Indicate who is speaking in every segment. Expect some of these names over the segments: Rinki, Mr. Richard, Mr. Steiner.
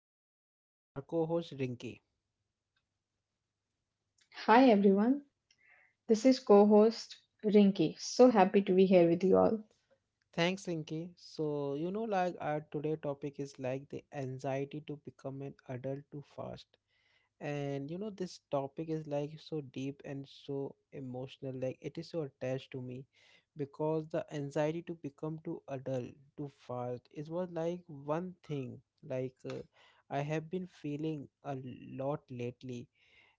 Speaker 1: and with me our co-host Rinky.
Speaker 2: Hi everyone, this is co host Rinki. So happy to be here with you all.
Speaker 1: Thanks, Rinky. So you know, like our today topic is like the anxiety to become an adult too fast, and you know this topic is like so deep and so emotional. Like it is so attached to me, because the anxiety to become too adult too fast is was like one thing like uh, I have been feeling a lot lately.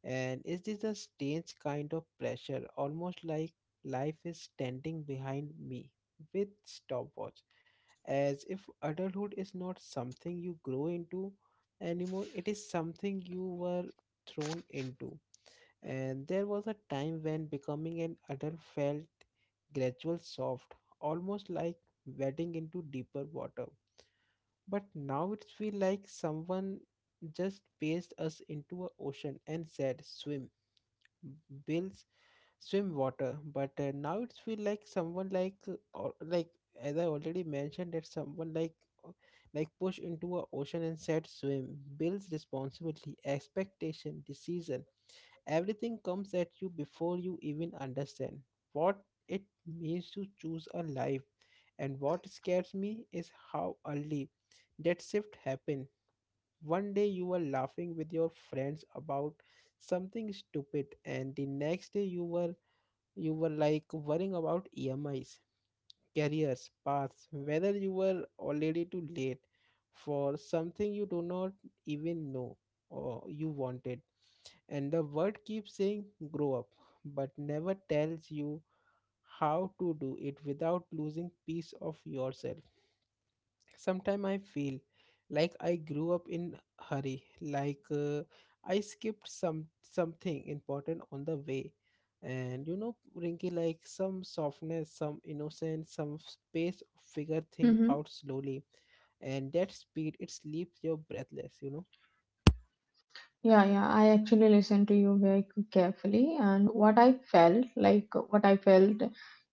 Speaker 1: And is this a strange kind of pressure, almost like life is standing behind me with stopwatch, as if adulthood is not something you grow into anymore, it is something you were thrown into. And there was a time when becoming an adult felt gradual, soft, almost like wading into deeper water. But now it feels like someone just paced us into an ocean and said, swim bills, swim water, but now it's feel like someone or like as I already mentioned that someone uh, like push into a ocean and said swim bills responsibility expectation decision, everything comes at you before you even understand what it means to choose a life. And what scares me is how early that shift happened. One day you were laughing with your friends about something stupid, and the next day you were like worrying about EMIs, careers, paths, whether you were already too late for something you do not even know or you wanted. And the world keeps saying grow up, but never tells you how to do it without losing piece of yourself. Sometimes I feel like I grew up in hurry, I skipped something important on the way. And you know, Rinky, like some softness, some innocence, some space of figure thing
Speaker 2: Mhm.
Speaker 1: out slowly. And that speed, it leaves you breathless, you know.
Speaker 2: Yeah, yeah. I actually listened to you very carefully, and what I felt, like what I felt,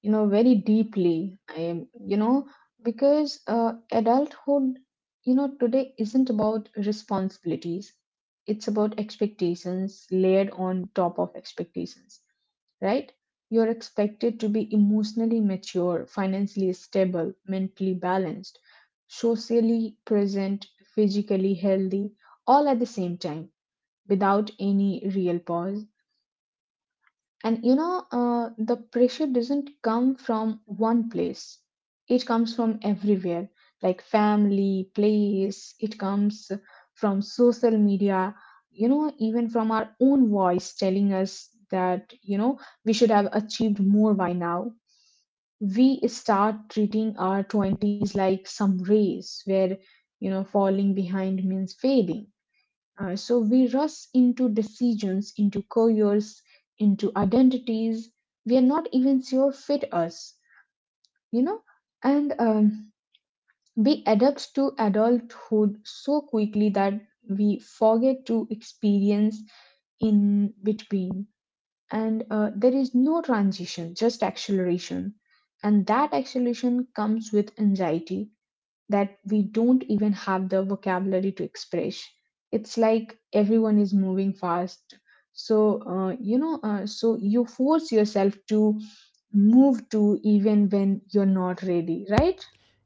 Speaker 2: you know, very deeply. I, am you know, because adulthood, you know, today isn't about responsibilities. It's about expectations layered on top of expectations, right? You're expected to be emotionally mature, financially stable, mentally balanced, socially present, physically healthy, all at the same time without any real pause. And you know, the pressure doesn't come from one place, it comes from everywhere like family, place, it comes from social media, you know, even from our own voice telling us that, you know, we should have achieved more by now. We start treating our 20s like some race where, you know, falling behind means failing, so we rush into decisions, into careers, into identities we are not even sure fit us, you know. And we adapt to adulthood so quickly that we forget to experience in between. And there is no transition, just acceleration. And that acceleration comes with anxiety that we don't even have the vocabulary to express. It's like everyone is moving fast. So you force yourself to move to even when you're not ready, right?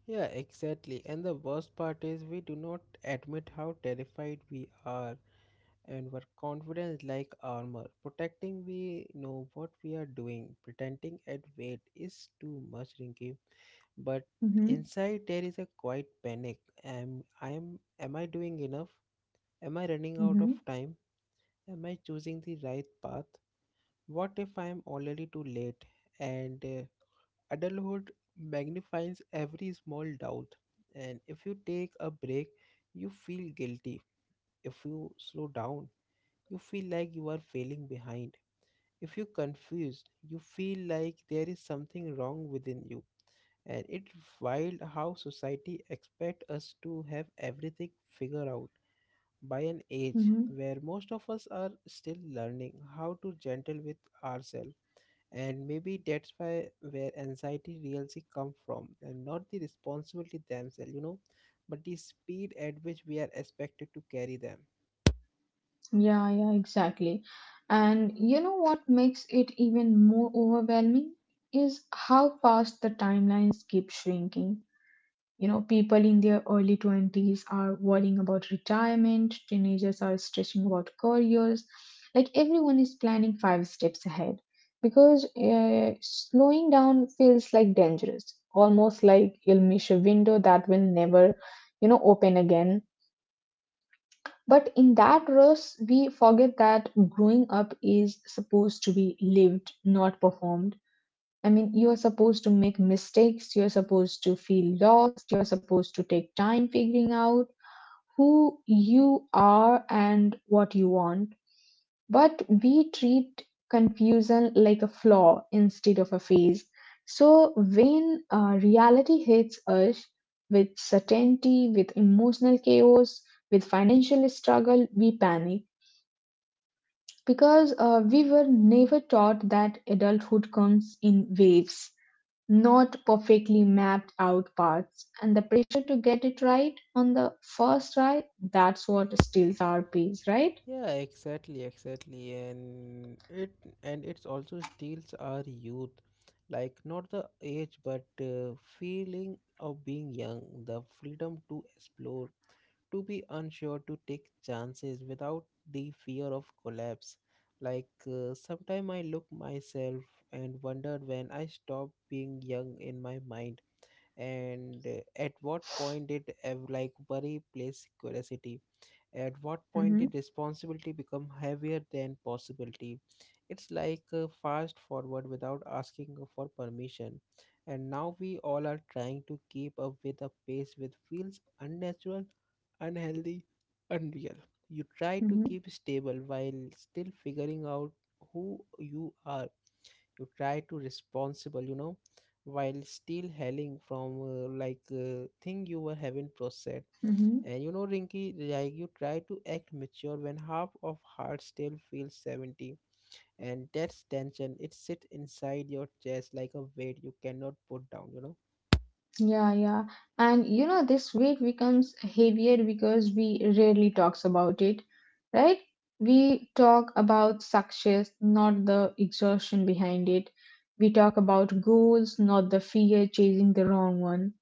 Speaker 1: Yeah, exactly. And the worst part is we do not admit how terrified we are. And were confident like armor. Protecting we know what we are doing. Pretending at weight is too much, Rinky. But
Speaker 2: Mm-hmm.
Speaker 1: inside there is a quiet panic. Am I doing enough? Am I running out
Speaker 2: Mm-hmm.
Speaker 1: of time? Am I choosing the right path? What if I am already too late? And adulthood magnifies every small doubt. And if you take a break, you feel guilty. If you slow down, you feel like you are failing behind. If you're confused, you feel like there is something wrong within you. And it's wild how society expects us to have everything figured out by an
Speaker 2: Mm-hmm.
Speaker 1: age where most of us are still learning how to gentle with ourselves. And maybe that's why where anxiety really come from, and not the responsibility themselves, you know, but the speed at which we are expected to carry them.
Speaker 2: Yeah, yeah, exactly. And you know what makes it even more overwhelming is how fast the timelines keep shrinking. You know, people in their early 20s are worrying about retirement, teenagers are stressing about careers, like everyone is planning five steps ahead because slowing down feels like dangerous, almost like you'll miss a window that will never, you know, open again. But in that rush, we forget that growing up is supposed to be lived, not performed. I mean, you are supposed to make mistakes, you're supposed to feel lost, you're supposed to take time figuring out who you are and what you want. But we treat confusion like a flaw instead of a phase. So when reality hits us with certainty, with emotional chaos, with financial struggle, we panic because we were never taught that adulthood comes in waves, not perfectly mapped out paths, and the pressure to get it right on the first try, that's what steals our peace, right?
Speaker 1: Yeah, exactly, exactly. And it's also steals our youth. Like not the age but feeling of being young, the freedom to explore, to be unsure, to take chances without the fear of collapse. Sometime I look myself and wonder when I stopped being young in my mind, and at what point like worry place curiosity, at what point
Speaker 2: Mm-hmm.
Speaker 1: did responsibility become heavier than possibility. It's fast forward without asking for permission, and now we all are trying to keep up with a pace which feels unnatural, unhealthy, unreal. You try to
Speaker 2: Mm-hmm.
Speaker 1: keep stable while still figuring out who you are. You try to responsible, you know, while still hailing from thing you were having processed.
Speaker 2: Mm-hmm.
Speaker 1: And you know, Rinky, like you try to act mature when half of heart still feels 70. And that's tension. It sits inside your chest like a weight you cannot put down, you know?
Speaker 2: Yeah, yeah. And you know, this weight becomes heavier because we rarely talks about it, right? We talk about success, not the exhaustion behind it. We talk about goals, not the fear chasing the wrong one.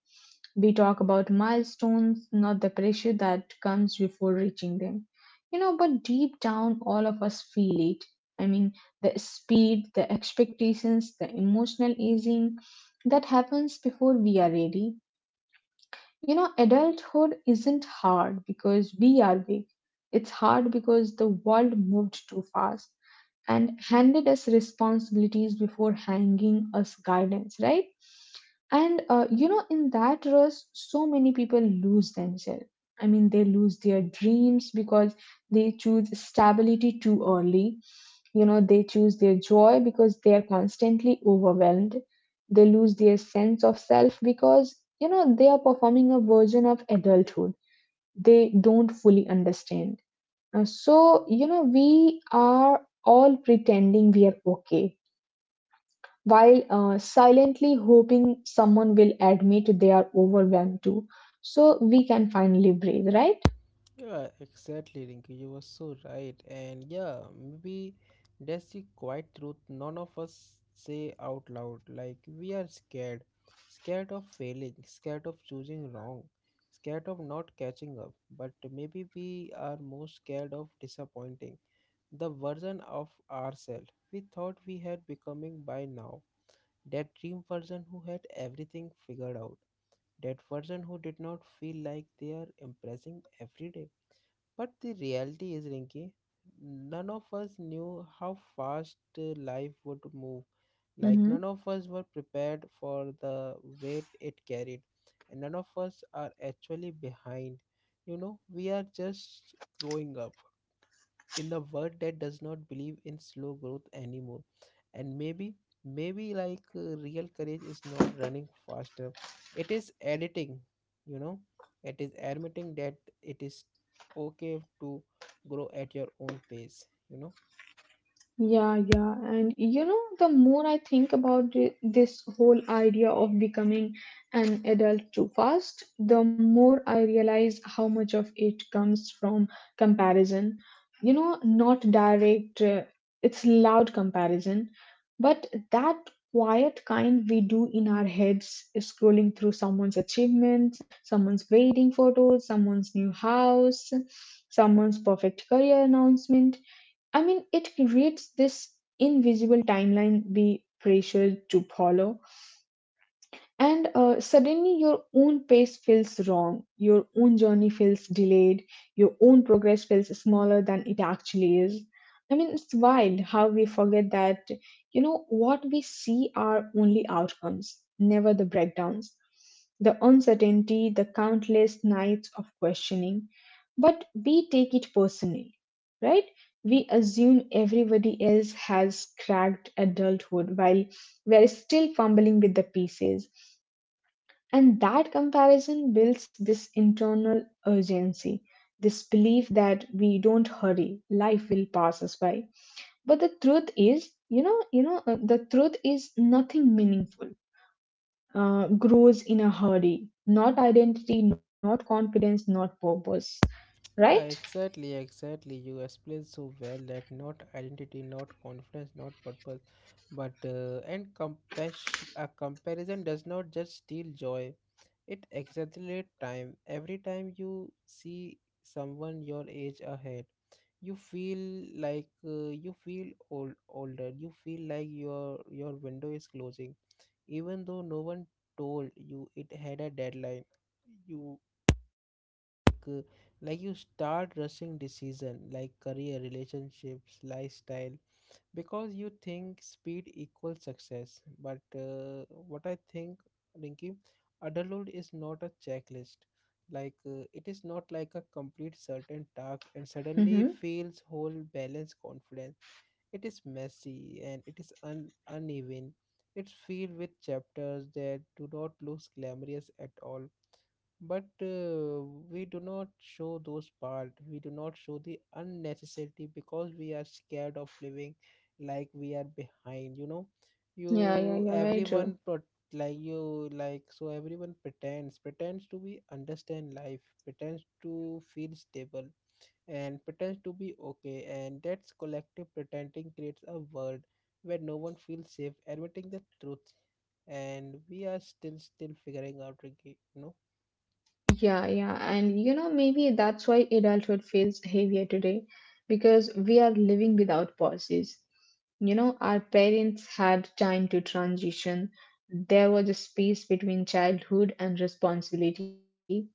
Speaker 2: We talk about milestones, not the pressure that comes before reaching them. You know, but deep down, all of us feel it. I mean, the speed, the expectations, the emotional easing that happens before we are ready. You know, adulthood isn't hard because we are big. It's hard because the world moved too fast and handed us responsibilities before hanging us guidance, right? And you know, in that rush, so many people lose themselves. I mean, they lose their dreams because they choose stability too early. You know, they choose their joy because they are constantly overwhelmed. They lose their sense of self because you know they are performing a version of adulthood they don't fully understand. So you know we are all pretending we are okay while silently hoping someone will admit they are overwhelmed too, so we can finally breathe, right?
Speaker 1: Yeah, exactly, Rinky. You were so right. And yeah, maybe that's the quiet truth none of us say out loud. Like, we are scared. Scared of failing, scared of choosing wrong, scared of not catching up. But maybe we are most scared of disappointing the version of ourselves we thought we had becoming by now, that dream version who had everything figured out, that version who did not feel like they are impressing every day. But the reality is Rinki, none of us knew how fast life would move, like
Speaker 2: Hmm.
Speaker 1: none of us were prepared for the weight it carried, and none of us are actually behind. You know, we are just growing up in the world that does not believe in slow growth anymore. And maybe, maybe real courage is not running faster, it is admitting, you know, it is admitting that it is okay to grow at your own pace, you know.
Speaker 2: Yeah, yeah. And you know, the more I think about this whole idea of becoming an adult too fast, the more I realize how much of it comes from comparison. You know, not direct, it's loud comparison, but that quiet kind we do in our heads, scrolling through someone's achievements, someone's wedding photos, someone's new house, someone's perfect career announcement. I mean, it creates this invisible timeline we pressured to follow. And suddenly your own pace feels wrong, your own journey feels delayed, your own progress feels smaller than it actually is. I mean, it's wild how we forget that, you know, what we see are only outcomes, never the breakdowns, the uncertainty, the countless nights of questioning. But we take it personally, right? We assume everybody else has cracked adulthood while we're still fumbling with the pieces. And that comparison builds this internal urgency, this belief that we don't hurry, life will pass us by. But the truth is, the truth is nothing meaningful grows in a hurry. Not identity, not confidence, not purpose.
Speaker 1: Yeah,
Speaker 2: Right?
Speaker 1: exactly, exactly. You explained so well that not identity, not confidence, not purpose, but and compass a comparison does not just steal joy. It exaggerates time. Every time you see someone your age ahead, you feel you feel old, older. You feel like your window is closing, even though no one told you it had a deadline. You like, uh, you start rushing decision like career, relationships, lifestyle, because you think speed equals success. But what I think, rinki, adulthood is not a checklist. It is not like a complete certain task and suddenly
Speaker 2: Mm-hmm.
Speaker 1: feels whole balance confidence. It is messy and it is uneven. It's filled with chapters that do not look glamorous at all. But we do not show those part, we do not show the unnecessary because we are scared of living like we are behind, you know. you
Speaker 2: Yeah, yeah, yeah. Very
Speaker 1: everyone
Speaker 2: true.
Speaker 1: pro- like you like so everyone pretends to be understand life, pretends to feel stable, and pretends to be okay. And that's collective pretending creates a world where no one feels safe admitting the truth, and we are still figuring out again, you know.
Speaker 2: Yeah, yeah. And you know, maybe that's why adulthood feels heavier today, because we are living without pauses. You know, our parents had time to transition, there was a space between childhood and responsibility.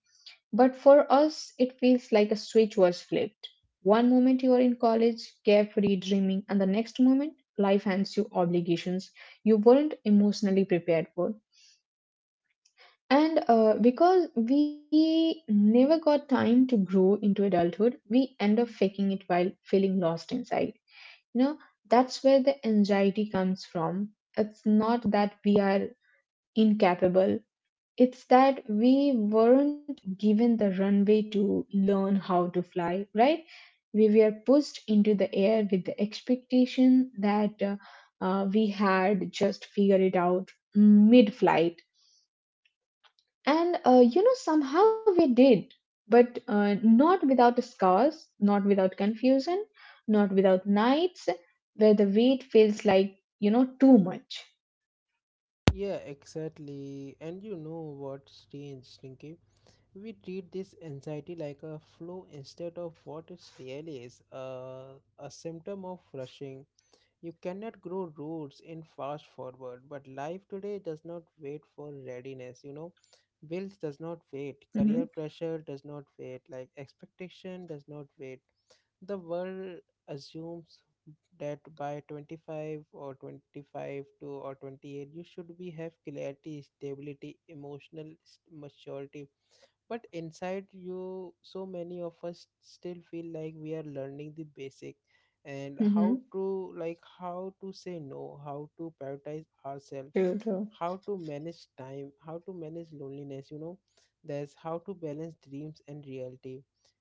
Speaker 2: But for us, it feels like a switch was flipped. One moment you are in college, carefree, dreaming, and the next moment, life hands you obligations you weren't emotionally prepared for. And because we never got time to grow into adulthood, we end up faking it while feeling lost inside. You know, that's where the anxiety comes from. It's not that we are incapable, it's that we weren't given the runway to learn how to fly, right? We were pushed into the air with the expectation that we had just figured it out mid flight, and you know, somehow we did, but not without scars, not without confusion, not without nights where the weight feels like, you know, too much.
Speaker 1: Yeah, exactly. And you know what's strange, Stinky? We treat this anxiety like a flu instead of what it really is, a symptom of rushing. You cannot grow roots in fast forward, but life today does not wait for readiness, you know. Bills does not
Speaker 2: Mm-hmm.
Speaker 1: wait, career pressure does not wait, like expectation does not wait. The world assumes that by 25 or 25 to or 28 you should be have clarity stability emotional maturity, but inside you so many of us still feel like we are learning the basic. And how
Speaker 2: Mm-hmm.
Speaker 1: to how to say no, how to prioritize ourselves,
Speaker 2: True, true.
Speaker 1: how to manage time, how to manage loneliness, you know, there's how to balance dreams and reality.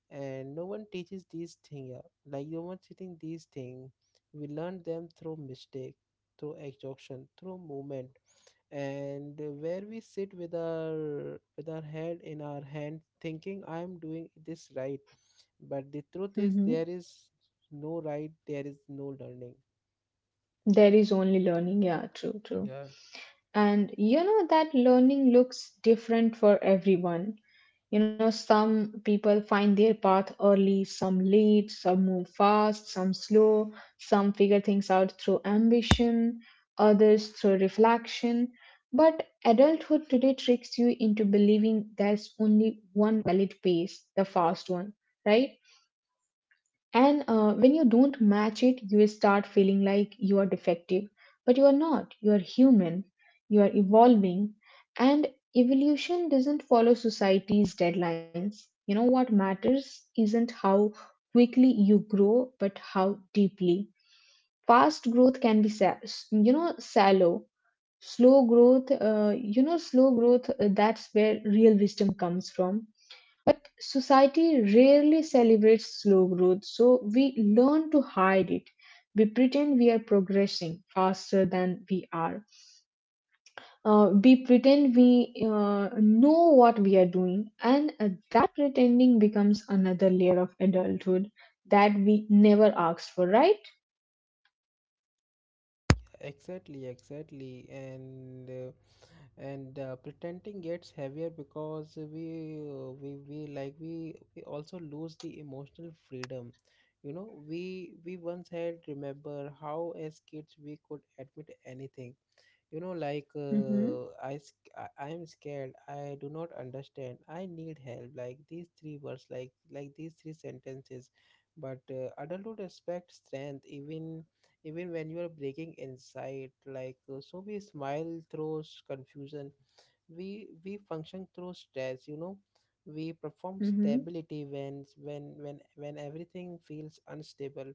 Speaker 1: And no one teaches these things, yeah. Like no one teaching these things, we learn them through mistake, through exhaustion, through movement. And where we sit with our head in our hand thinking I am doing this right. But the truth is
Speaker 2: Mm-hmm.
Speaker 1: there is no right, there is no learning.
Speaker 2: There is only learning. Yeah, true, true. And you know that learning looks different for everyone. You know, some people find their path early, some late, some move fast, some slow, some figure things out through ambition, others through reflection. But adulthood today tricks you into believing there's only one valid pace, the fast one, right? And when you don't match it, you will start feeling like you are defective. But you are not. You are human. You are evolving. And evolution doesn't follow society's deadlines. You know what matters isn't how quickly you grow, but how deeply. Fast growth can be, you know, shallow. Slow growth, you know, slow growth, that's where real wisdom comes from. Society rarely celebrates slow growth, so we learn to hide it. We pretend we are progressing faster than we are. We pretend we know what we are doing, and that pretending becomes another layer of adulthood that we never asked for, right?
Speaker 1: Exactly, exactly, and pretending gets heavier because we also lose the emotional freedom. You know, we once had, remember how as kids we could admit anything, you know, like
Speaker 2: Mm-hmm.
Speaker 1: uh, i sc- i I am scared, I do not understand, I need help, like these three words, like these three sentences. But adulthood expects strength even, even when you are breaking inside. So we smile through confusion, we function through stress, you know, we perform
Speaker 2: Mm-hmm.
Speaker 1: stability when everything feels unstable.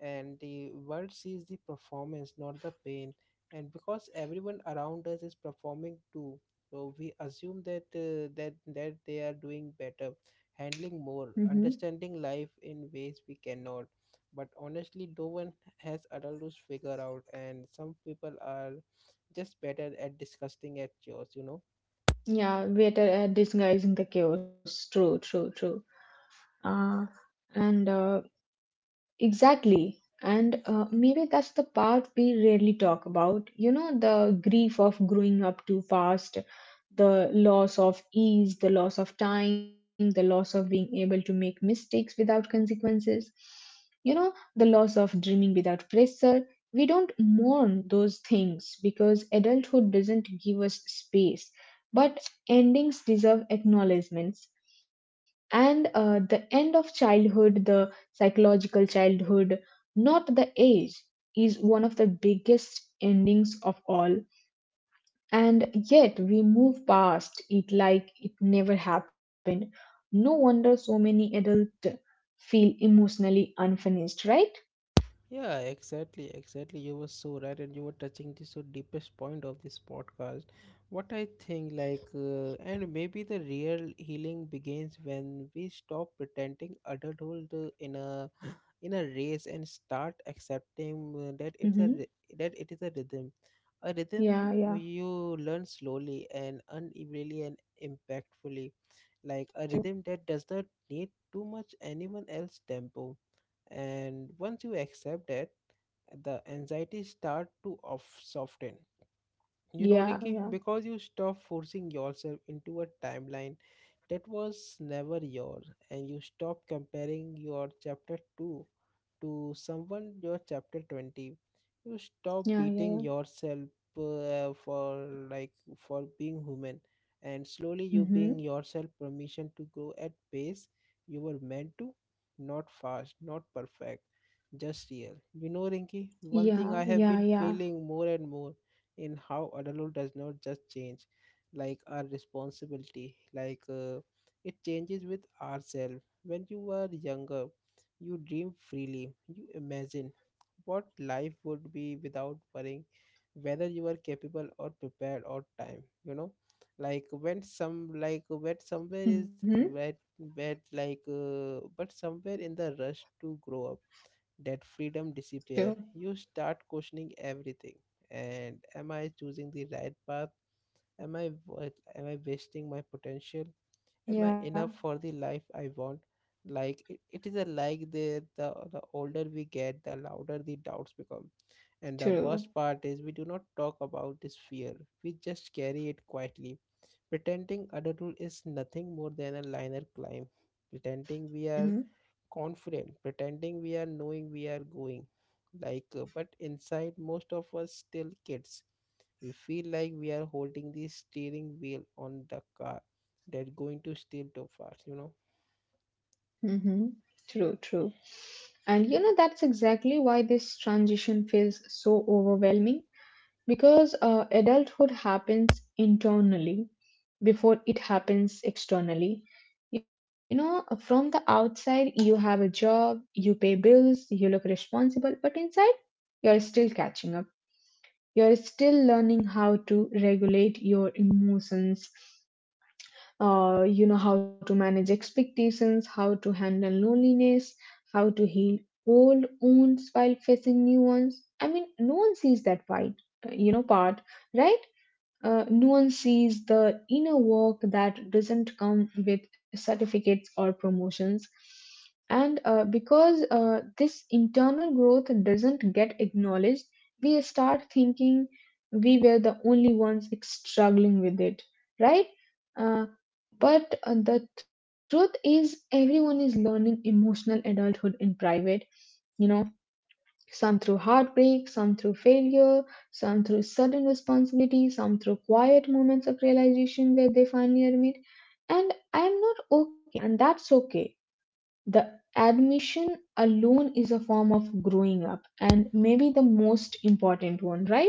Speaker 1: And the world sees the performance, not the pain. And because everyone around us is performing too, so we assume that that they are doing better, handling more,
Speaker 2: Mm-hmm.
Speaker 1: understanding life in ways we cannot. But honestly no one has adults figure out, and some people are just better at disgusting at yours, you know.
Speaker 2: Yeah, we're disguising the chaos. True, true, true. Uh, and Exactly. And maybe that's the part we rarely talk about. You know, the grief of growing up too fast, the loss of ease, the loss of time, the loss of being able to make mistakes without consequences. You know, the loss of dreaming without pressure. We don't mourn those things because adulthood doesn't give us space. But endings deserve acknowledgments, and the end of childhood, the psychological childhood, not the age, is one of the biggest endings of all. And yet we move past it like it never happened. No wonder so many adults feel emotionally unfinished, right?
Speaker 1: Yeah, exactly, exactly. You were so right, and you were touching the so deepest point of this podcast. What I think, and maybe the real healing begins when we stop pretending adulthood in a in a race, and start accepting that
Speaker 2: Mm-hmm.
Speaker 1: that it is a
Speaker 2: Yeah,
Speaker 1: rhythm
Speaker 2: yeah,
Speaker 1: you learn slowly and unevenly and impactfully, like a rhythm that does not need too much anyone else tempo. And once you accept that, the anxiety start to off soften, you know
Speaker 2: yeah,
Speaker 1: rinky,
Speaker 2: yeah,
Speaker 1: because you stop forcing yourself into a timeline that was never yours, and you stop comparing your chapter 2 to someone your chapter 20. You
Speaker 2: yeah,
Speaker 1: stop
Speaker 2: yeah, yeah.
Speaker 1: beating yourself for like for being human, and slowly you
Speaker 2: Mm-hmm.
Speaker 1: being yourself permission to grow at pace you were meant to, not fast, not perfect, just real. You know, Rinky, one
Speaker 2: Yeah,
Speaker 1: thing I have
Speaker 2: yeah,
Speaker 1: been
Speaker 2: yeah.
Speaker 1: feeling more and more in how adulthood does not just change like our responsibility it changes with ourselves. When you were younger you dream freely, you imagine what life would be without worrying whether you are capable or prepared or time, you know, when somewhere is
Speaker 2: Mm-hmm.
Speaker 1: wet wet. But somewhere in the rush to grow up that freedom disappear,
Speaker 2: True.
Speaker 1: you start questioning everything. And am I choosing the right path? am i wa- am I wasting my potential? Am I
Speaker 2: Yeah,
Speaker 1: enough for the life I want? Like it is a like the older we get the louder the doubts become. And the
Speaker 2: true.
Speaker 1: worst part is we do not talk about this fear, we just carry it quietly, pretending adulthood is nothing more than a linear climb, pretending we are
Speaker 2: Mm-hmm.
Speaker 1: confident, pretending we are knowing we are going. But inside, most of us still kids. We feel like we are holding the steering wheel on the car that's going to steer too fast, you know.
Speaker 2: Mm-hmm. True, true. And you know, that's exactly why this transition feels so overwhelming, because adulthood happens internally before it happens externally. You know, from the outside, you have a job, you pay bills, you look responsible, but inside, you're still catching up. You're still learning how to regulate your emotions, you know, how to manage expectations, how to handle loneliness, how to heal old wounds while facing new ones. I mean, no one sees that fight, you know, part, right? Nuance sees the inner work that doesn't come with certificates or promotions. And because this internal growth doesn't get acknowledged, we start thinking we were the only ones struggling with it, right? Uh, but the truth is, everyone is learning emotional adulthood in private, you know, some through heartbreak, some through failure, some through sudden responsibility, some through quiet moments of realization where they finally admit, and I am not okay, and that's okay. The admission alone is a form of growing up, and maybe the most important one, right?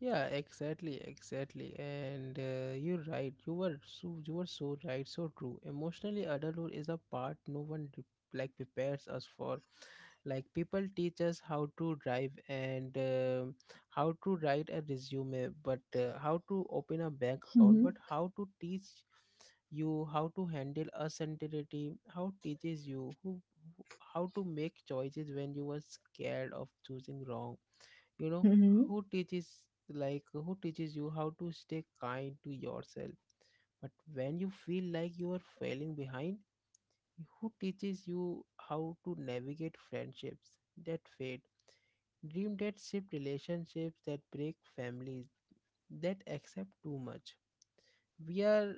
Speaker 1: Yeah, exactly, exactly. And You're right. You were so right, so true. Emotionally, adulthood is a part no one like prepares us for. Like people teach us how to drive and how to write a resume but how to open a bank
Speaker 2: Mm-hmm.
Speaker 1: account. But how to teach you how to handle uncertainty, how teaches you how to make choices when you were scared of choosing wrong, you know?
Speaker 2: Mm-hmm.
Speaker 1: who teaches who teaches you how to stay kind to yourself but when you feel like you are failing behind? Who teaches you how to navigate friendships that fade, dream that shift, relationships that break, families that accept too much? We are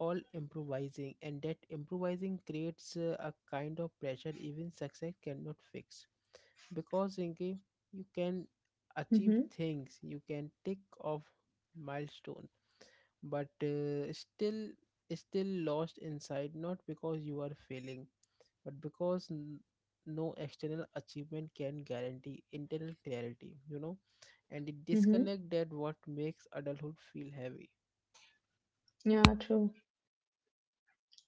Speaker 1: all improvising, and that improvising creates a kind of pressure even success cannot fix. Because, Rinki, you can achieve
Speaker 2: Mm-hmm.
Speaker 1: things, you can tick off milestones, but still, still lost inside, not because you are failing but because no external achievement can guarantee internal clarity, you know. And the
Speaker 2: Mm-hmm.
Speaker 1: disconnect that what makes adulthood feel heavy.
Speaker 2: Yeah, true.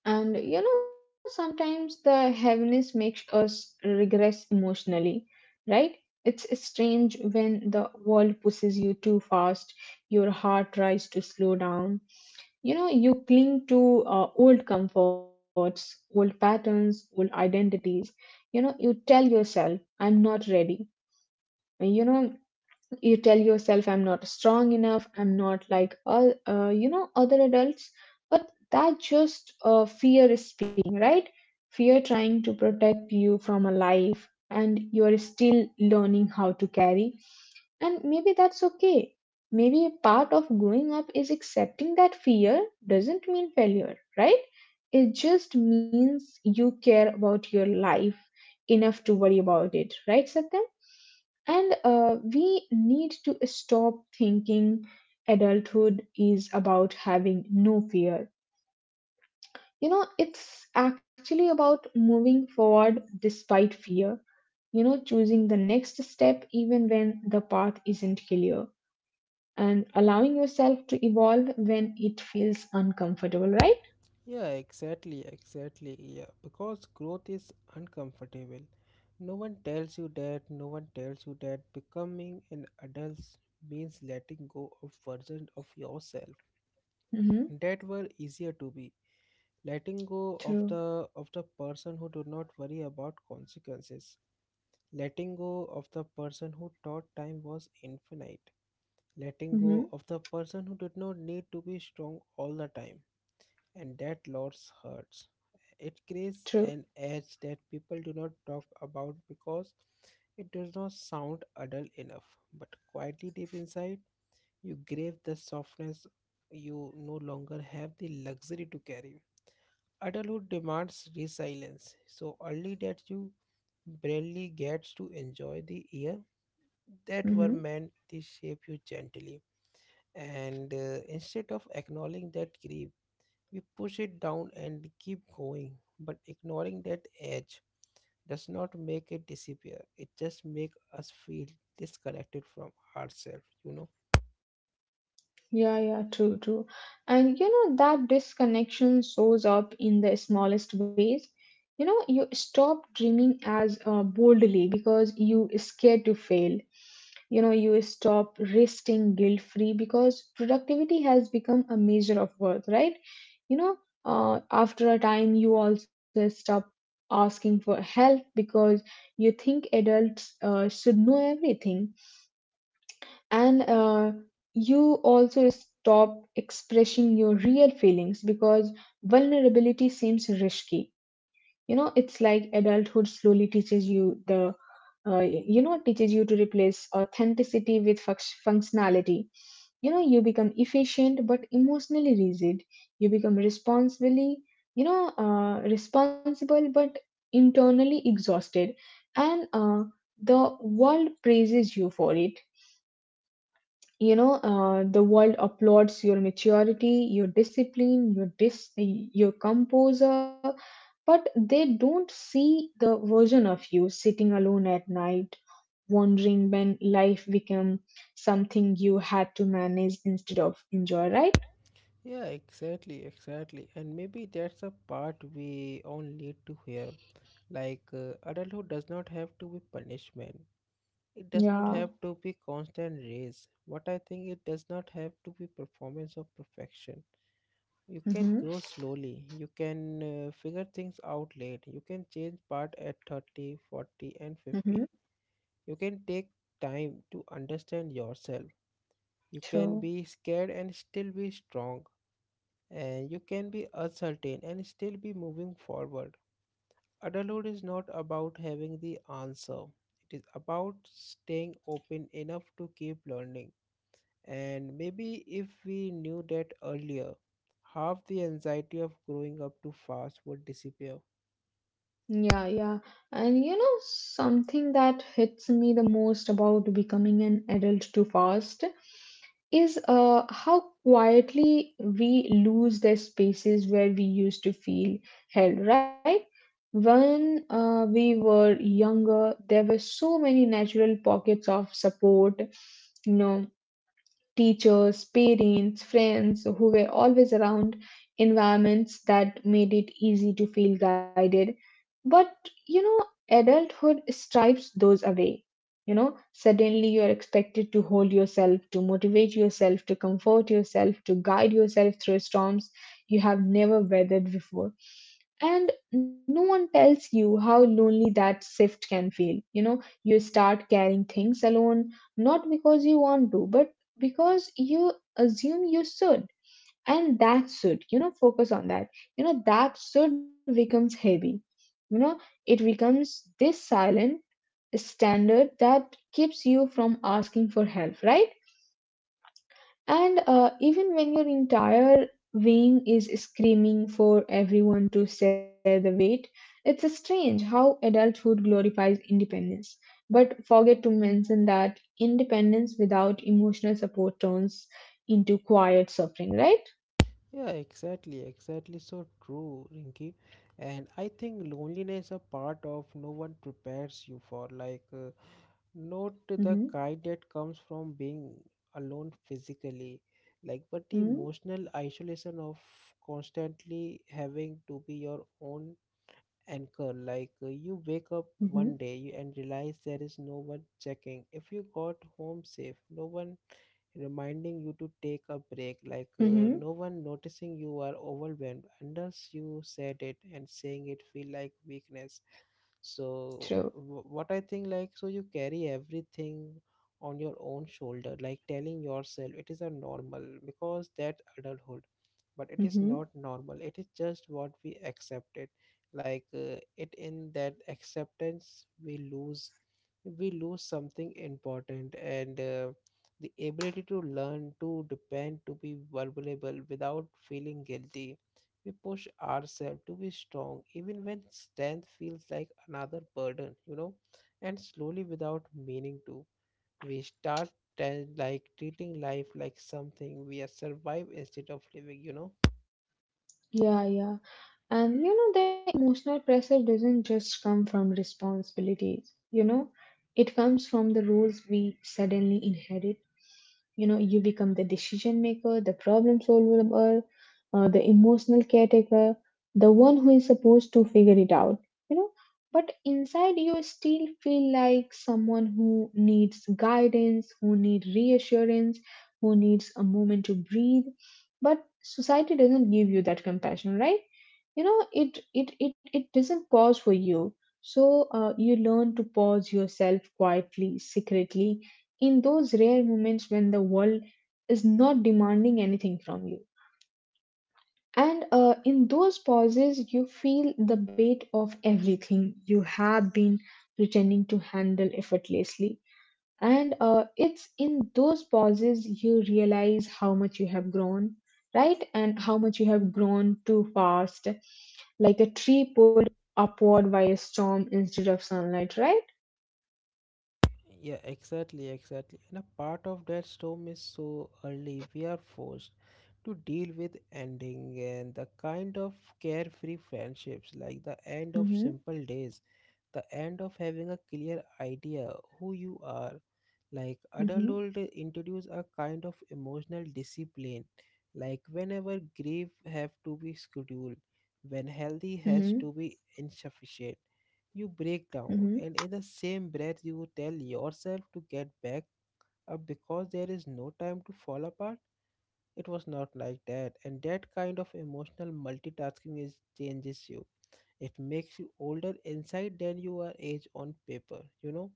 Speaker 2: And you know, sometimes the heaviness makes us regress emotionally, right? It's strange when the world pushes you too fast, your heart tries to slow down. You know, you cling to old comforts, old patterns, old identities. You know, you tell yourself, I'm not ready. You know, you tell yourself I'm not strong enough I'm not like all other adults but that just fear is speaking, right? Fear trying to protect you from a life and you're still learning how to carry, and maybe that's okay. Maybe a part of growing up is accepting that fear doesn't mean failure, right? It just means you care about your life enough to worry about it, right, Satyam? And we need to stop thinking adulthood is about having no fear. You know, it's actually about moving forward despite fear, you know, choosing the next step even when the path isn't clear and allowing yourself to evolve when it feels uncomfortable, right?
Speaker 1: Yeah, exactly, exactly. Yeah, because growth is uncomfortable. No one tells you that. No one tells you that becoming an adult means letting go of versions of yourself
Speaker 2: Mm-hmm.
Speaker 1: that were easier to be, letting go
Speaker 2: True.
Speaker 1: of the of the person who do not worry about consequences. Letting go of the person who thought time was infinite. Letting go
Speaker 2: Mm-hmm.
Speaker 1: of the person who did not need to be strong all the time. And that loss hurts. It creates
Speaker 2: True.
Speaker 1: an edge that people do not talk about because it does not sound adult enough. But quietly deep inside, you crave the softness you no longer have the luxury to carry. Adulthood demands resilience so early that you barely gets to enjoy the year that were
Speaker 2: Mm-hmm.
Speaker 1: meant to shape you gently. And Instead of acknowledging that grief, we push it down and keep going. But ignoring that edge does not make it disappear. It just makes us feel disconnected from ourselves, you know.
Speaker 2: Yeah, yeah, true, true. And you know, that disconnection shows up in the smallest ways. You know, you stop dreaming as boldly because you scared to fail. You know, you stop resting guilt free because productivity has become a measure of worth, right? You know, after a time, you also stop asking for help because you think adults should know everything, and you also stop expressing your real feelings because vulnerability seems risky. You know, it's like adulthood slowly teaches you the you know teaches you to replace authenticity with functionality. You know, you become efficient but emotionally rigid, you become responsibly, you know, responsible but internally exhausted, and the world praises you for it. You know, the world applauds your maturity, your discipline, your your composure, but they don't see the version of you sitting alone at night wondering when life became something you had to manage instead of enjoy, right?
Speaker 1: Yeah, exactly, exactly. And maybe that's a part we all need to hear. Adulthood does not have to be punishment. It does not
Speaker 2: Yeah.
Speaker 1: have to be constant race. What I think it does not have to be performance or perfection. You can
Speaker 2: Mm-hmm.
Speaker 1: grow slowly. You can figure things out late. You can change part at 30, 40, and
Speaker 2: Mm-hmm.
Speaker 1: 50. You can take time to understand yourself. You can
Speaker 2: True.
Speaker 1: be scared and still be strong. And you can be uncertain and still be moving forward. Adulthood is not about having the answer. It is about staying open enough to keep learning. And maybe if we knew that earlier, half the anxiety of growing up too fast would disappear.
Speaker 2: Yeah, yeah. And you know, something that hits me the most about becoming an adult too fast is how quietly we lose the spaces where we used to feel held, right? When we were younger, there were so many natural pockets of support, you know, teachers, parents, friends who were always around, environments that made it easy to feel guided. But you know, adulthood stripes those away. You know, suddenly you're expected to hold yourself, to motivate yourself, to comfort yourself, to guide yourself through storms you have never weathered before, and no one tells you how lonely that shift can feel. You know, you start carrying things alone, not because you want to but because you assume you should. And that should, you know, focus on that, you know, that should becomes heavy. You know, it becomes this silent standard that keeps you from asking for help, right? And even when your entire wing is screaming for everyone to share the weight, it's strange how adulthood glorifies independence, but forget to mention that independence without emotional support turns into quiet suffering, right?
Speaker 1: Yeah, exactly, exactly. So true, Rinky. And I think loneliness a part of no one prepares you for. Not the
Speaker 2: Mm-hmm.
Speaker 1: kind that comes from being alone physically, like, but the
Speaker 2: Mm-hmm.
Speaker 1: emotional isolation of constantly having to be your own anchor. You wake up
Speaker 2: Mm-hmm.
Speaker 1: one day and realize there is no one checking if you got home safe, no one reminding you to take a break,
Speaker 2: Mm-hmm.
Speaker 1: no one noticing you are overwhelmed unless you said it, and saying it feel like weakness.
Speaker 2: True.
Speaker 1: So what I think like so you carry everything on your own shoulder, like telling yourself it is a normal because that adulthood, but it is
Speaker 2: Mm-hmm.
Speaker 1: not normal. It is just what we accepted. It in that acceptance we lose, we lose something important, and the ability to learn to depend, to be vulnerable without feeling guilty. We push ourselves to be strong even when strength feels like another burden, you know. And slowly, without meaning to, we start like treating life like something we are survive instead of living, you know.
Speaker 2: Yeah, yeah. And you know, the emotional pressure doesn't just come from responsibilities, you know, it comes from the roles we suddenly inherit. You know, you become the decision maker, the problem solver, the emotional caretaker, the one who is supposed to figure it out, you know. But inside, you still feel like someone who needs guidance, who needs reassurance, who needs a moment to breathe, but society doesn't give you that compassion, right? You know, it doesn't pause for you, so you learn to pause yourself quietly, secretly, in those rare moments when the world is not demanding anything from you. And in those pauses you feel the weight of everything you have been pretending to handle effortlessly. And it's in those pauses you realize how much you have grown, right? And how much you have grown too fast, like a tree pulled upward by a storm instead of sunlight, right?
Speaker 1: Yeah, exactly, exactly. And a part of that storm is so early, we are forced to deal with ending and the kind of carefree friendships, like the end of
Speaker 2: Mm-hmm.
Speaker 1: simple days, the end of having a clear idea who you are. Like
Speaker 2: Mm-hmm.
Speaker 1: adulthood introduce a kind of emotional discipline, like whenever grief have to be scheduled, when healthy has
Speaker 2: Mm-hmm.
Speaker 1: to be insufficient, you break down,
Speaker 2: Mm-hmm.
Speaker 1: and in the same breath, you tell yourself to get back up because there is no time to fall apart. It was not like that, and that kind of emotional multitasking is changes you. It makes you older inside than you are age on paper, you know.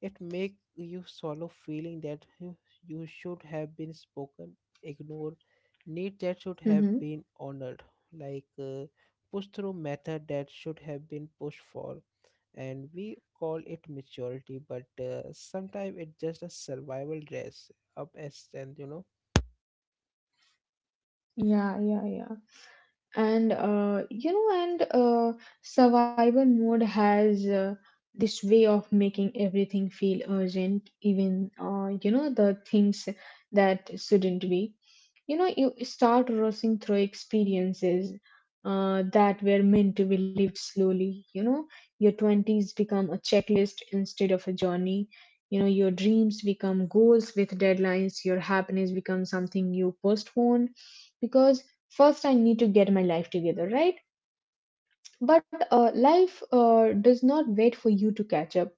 Speaker 1: It make you swallow feeling that you should have been spoken, ignored, need that should have
Speaker 2: Mm-hmm.
Speaker 1: been honored, like uh, push through method that should have been pushed for. And we call it maturity but sometimes it's just a survival dress up as strength, you know.
Speaker 2: Yeah, yeah, yeah. and you know and Survival mode has this way of making everything feel urgent, even the things that shouldn't be. You know, you start rushing through experiences that were meant to be lived slowly. You know, your 20s become a checklist instead of a journey. You know, your dreams become goals with deadlines, your happiness becomes something you postpone because first I need to get my life together, right? But life does not wait for you to catch up.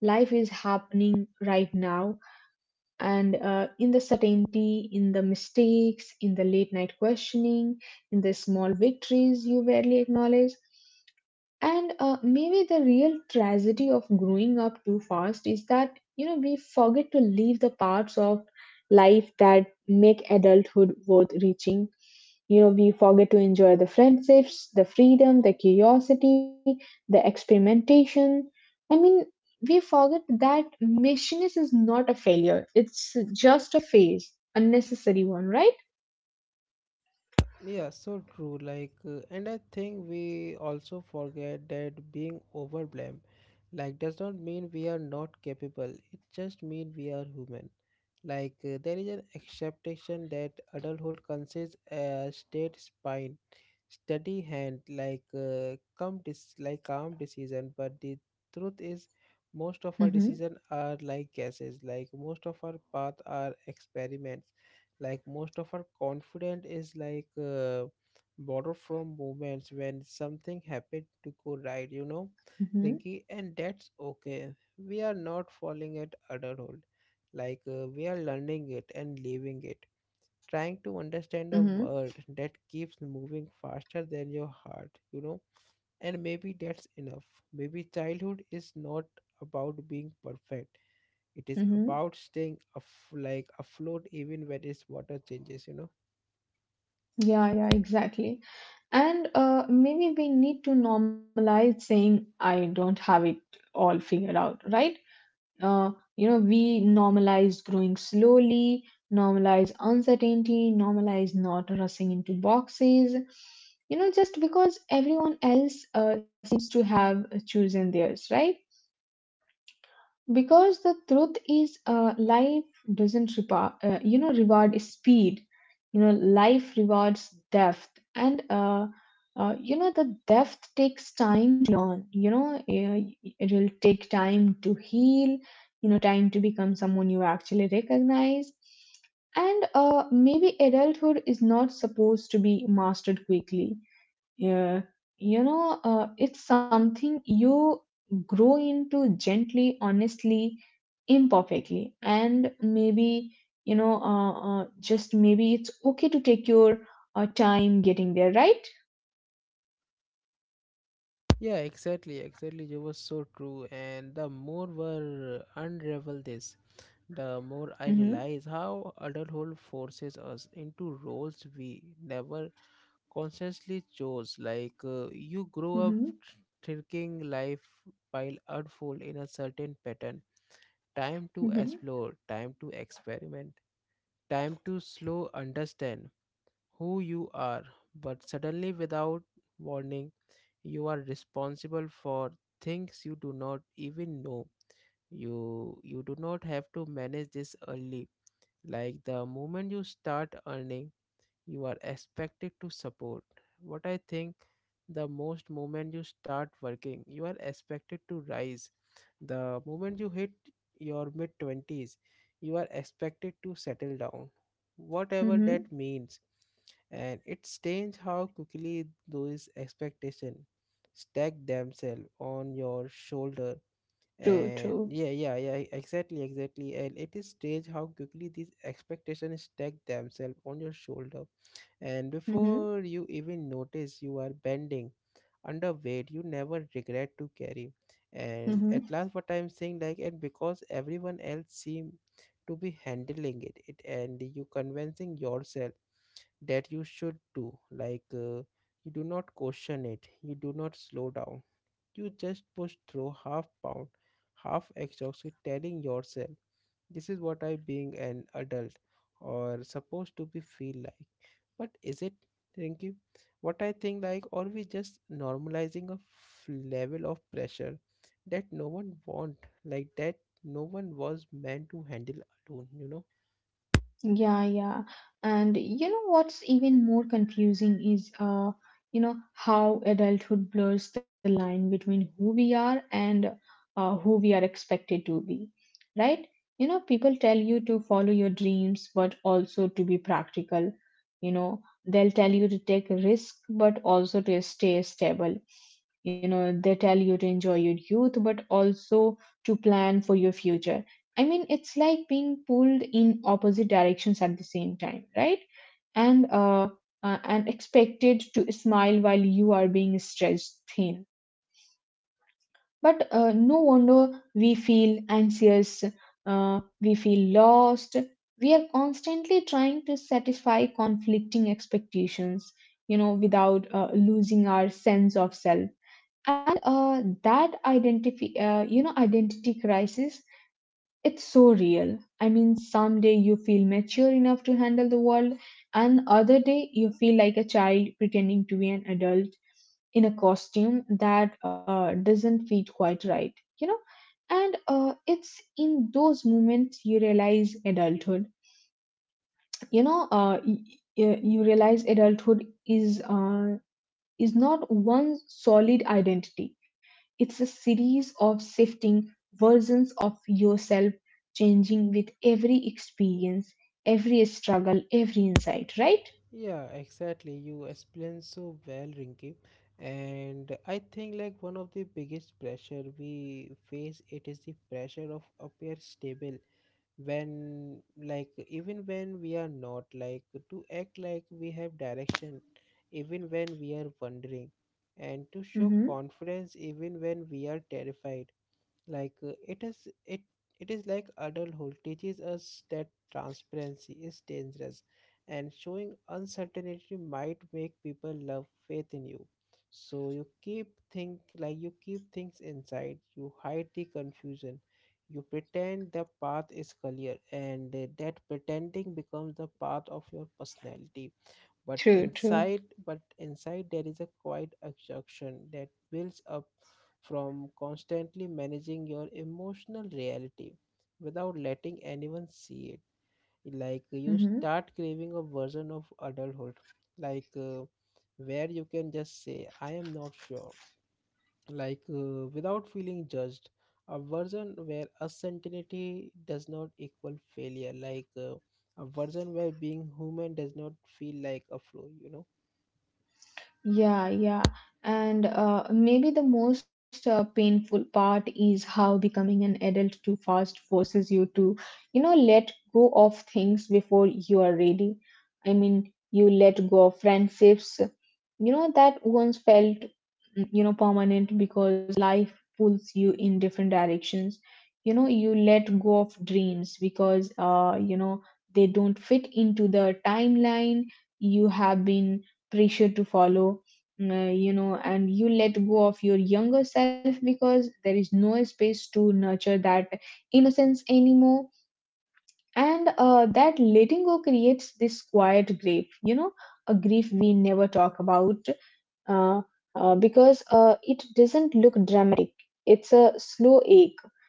Speaker 2: Life is happening right now, and in the certainty, in the mistakes, in the late night questioning, in the small victories you rarely acknowledge. And maybe the real tragedy of growing up too fast is that, you know, we forget to leave the parts of life that make adulthood worth reaching. You know, we forget to enjoy the friendships, the freedom, the curiosity, the experimentation. I mean, we forget that messiness is not a failure. It's just a phase, a necessary one, right?
Speaker 1: Yeah, so true. And I think we also forget that being overblamed, like, does not mean we are not capable. It just means we are human. There is an acceptation that adulthood consists a state spine, steady hand, calm, like calm decision. But the truth is, most of our
Speaker 2: Mm-hmm.
Speaker 1: decisions are like guesses. Like, most of our paths are experiments, like most of our confidence is borrowed from moments when something happened to go right, you know,
Speaker 2: Mm-hmm.
Speaker 1: Rinky. And that's okay, we are not falling at adulthood, we are learning it and living it, trying to understand a
Speaker 2: Mm-hmm.
Speaker 1: world that keeps moving faster than your heart, you know. And maybe that's enough. Maybe childhood is not about being perfect, it is
Speaker 2: Mm-hmm.
Speaker 1: about staying like afloat even when its water changes, you know.
Speaker 2: Yeah, yeah, exactly. And maybe we need to normalize saying, I don't have it all figured out, right? uh, you know, we normalize growing slowly, normalize uncertainty, normalize not rushing into boxes, you know, just because everyone else seems to have chosen theirs, right? Because the truth is, life doesn't reward speed. You know, life rewards depth. And the depth takes time to learn. You know, it will take time to heal, you know, time to become someone you actually recognize. And maybe adulthood is not supposed to be mastered quickly. Yeah, you know, it's something you grow into gently, honestly, imperfectly, and maybe, you know, just maybe it's okay to take your time getting there, right?
Speaker 1: Yeah, exactly, exactly. You was so true. And the more we unravel this, the more I
Speaker 2: Mm-hmm.
Speaker 1: realize how adulthood forces us into roles we never consciously chose. You grow up
Speaker 2: Mm-hmm.
Speaker 1: thinking life will unfold in a certain pattern. Time to
Speaker 2: Mm-hmm.
Speaker 1: explore, time to experiment, time to slow understand who you are, but suddenly, without warning, you are responsible for things you do not even know. You do not have to manage this early. Like the moment you start earning, you are expected to support. What I think the most moment you start working you are expected to rise, the moment you hit your mid 20s you are expected to settle down, whatever
Speaker 2: Mm-hmm.
Speaker 1: that means. And it's strange how quickly those expectations stack themselves on your shoulder.
Speaker 2: True.
Speaker 1: And
Speaker 2: True.
Speaker 1: yeah, yeah, yeah, exactly, exactly. And it is strange how quickly these expectations stack themselves on your shoulder, and before
Speaker 2: Mm-hmm.
Speaker 1: you even notice you are bending underweight you never regret to carry. And at
Speaker 2: Mm-hmm.
Speaker 1: last what I'm saying like and because everyone else seem to be handling it and you convincing yourself that you should do you do not question it, you do not slow down, you just push through, half pound, half exhausted, telling yourself this is what I being an adult or supposed to be feel like. But is it, Rinky? What I think like or we just normalizing a level of pressure that no one want, like that no one was meant to handle alone, you know.
Speaker 2: Yeah, yeah. And you know what's even more confusing is you know how adulthood blurs the line between who we are and who we are expected to be. Right? You know, people tell you to follow your dreams but also to be practical. You know, they'll tell you to take risk but also to stay stable. You know, they tell you to enjoy your youth but also to plan for your future. I mean, it's like being pulled in opposite directions at the same time, right? And uh, and expected to smile while you are being stretched thin. But no wonder we feel anxious, we feel lost. We are constantly trying to satisfy conflicting expectations, you know, without losing our sense of self. And that identity, you know, identity crisis, it's so real. I mean, some day you feel mature enough to handle the world, and other day you feel like a child pretending to be an adult in a costume that doesn't fit quite right, you know. And it's in those moments you realize adulthood. You know, you realize adulthood is not one solid identity. It's a series of shifting versions of yourself, changing with every experience, every struggle, every insight, right?
Speaker 1: Yeah, exactly, you explained so well, Rinky. And I think like one of the biggest pressure we face it is the pressure of appear stable when, like, even when we are not, like, to act like we have direction even when we are wondering, and to show
Speaker 2: Mm-hmm.
Speaker 1: confidence even when we are terrified. It is it, it is like adulthood teaches us that transparency is dangerous and showing uncertainty might make people love faith in you. So you keep things inside, you hide the confusion, you pretend the path is clear, and that pretending becomes the path of your personality. But
Speaker 2: True, true.
Speaker 1: inside, but inside there is a quiet exhaustion that builds up from constantly managing your emotional reality without letting anyone see it. Like you
Speaker 2: Mm-hmm.
Speaker 1: start craving a version of adulthood, like uh, where you can just say I am not sure, without feeling judged, a version where uncertainty does not equal failure a version where being human does not feel like a flaw.
Speaker 2: Yeah, yeah. And maybe the most painful part is how becoming an adult too fast forces you to, you know, let go of things before you are ready. I mean, you let go of friendships, you know, that once felt, you know, permanent because life pulls you in different directions. You know, you let go of dreams because, you know, they don't fit into the timeline you have been pressured to follow. You know, and you let go of your younger self because there is no space to nurture that innocence anymore. And that letting go creates this quiet grief, you know, a grief we never talk about, uh, because it doesn't look dramatic. It's a slow ache,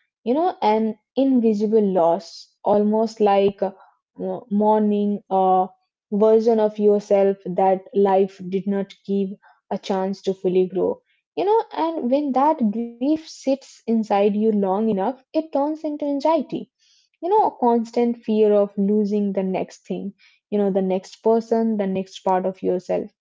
Speaker 2: you know, an invisible loss, almost like a mourning a version of yourself that life did not give a chance to fully grow. You know, and when that grief sits inside you long enough, it turns into anxiety. You know, a constant fear of losing the next thing, you know, the next person, the next part of yourself,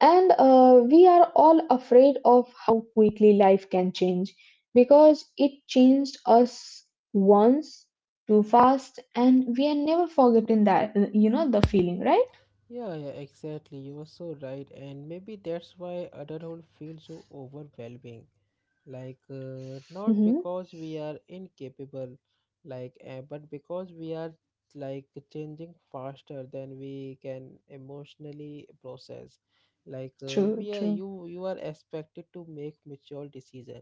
Speaker 2: and we are all afraid of how quickly life can change because it changed us once too fast, and we are never forgetting that, you know, the feeling, right?
Speaker 1: Yeah, yeah, exactly. You are so right. And maybe that's why adulthood feels so overwhelming. Like, not
Speaker 2: Mm-hmm.
Speaker 1: because we are incapable, like, but because we are like changing faster than we can emotionally process. Like,
Speaker 2: True,
Speaker 1: we are
Speaker 2: true.
Speaker 1: you are expected to make mature decision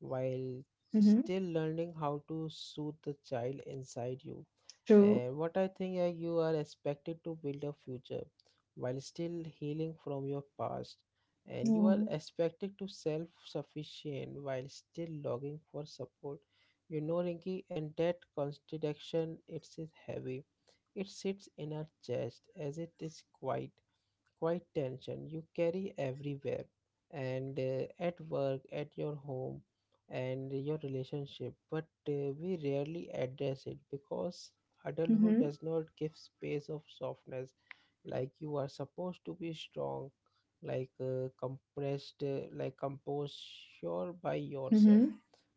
Speaker 1: while
Speaker 2: Mm-hmm.
Speaker 1: still learning how to soothe the child inside you,
Speaker 2: True.
Speaker 1: and what I think you are expected to build a future while still healing from your past. And you are
Speaker 2: Mm-hmm.
Speaker 1: expected to self sufficient while still logging for support. You know, Rinky, and that contradiction it is heavy. It sits in our chest as it is quiet tension you carry everywhere, and at work, at your home, and your relationship, but we rarely address it because adulthood
Speaker 2: Mm-hmm.
Speaker 1: does not give space of softness. Like, you are supposed to be strong, like composed, sure by
Speaker 2: Mm-hmm.
Speaker 1: yourself.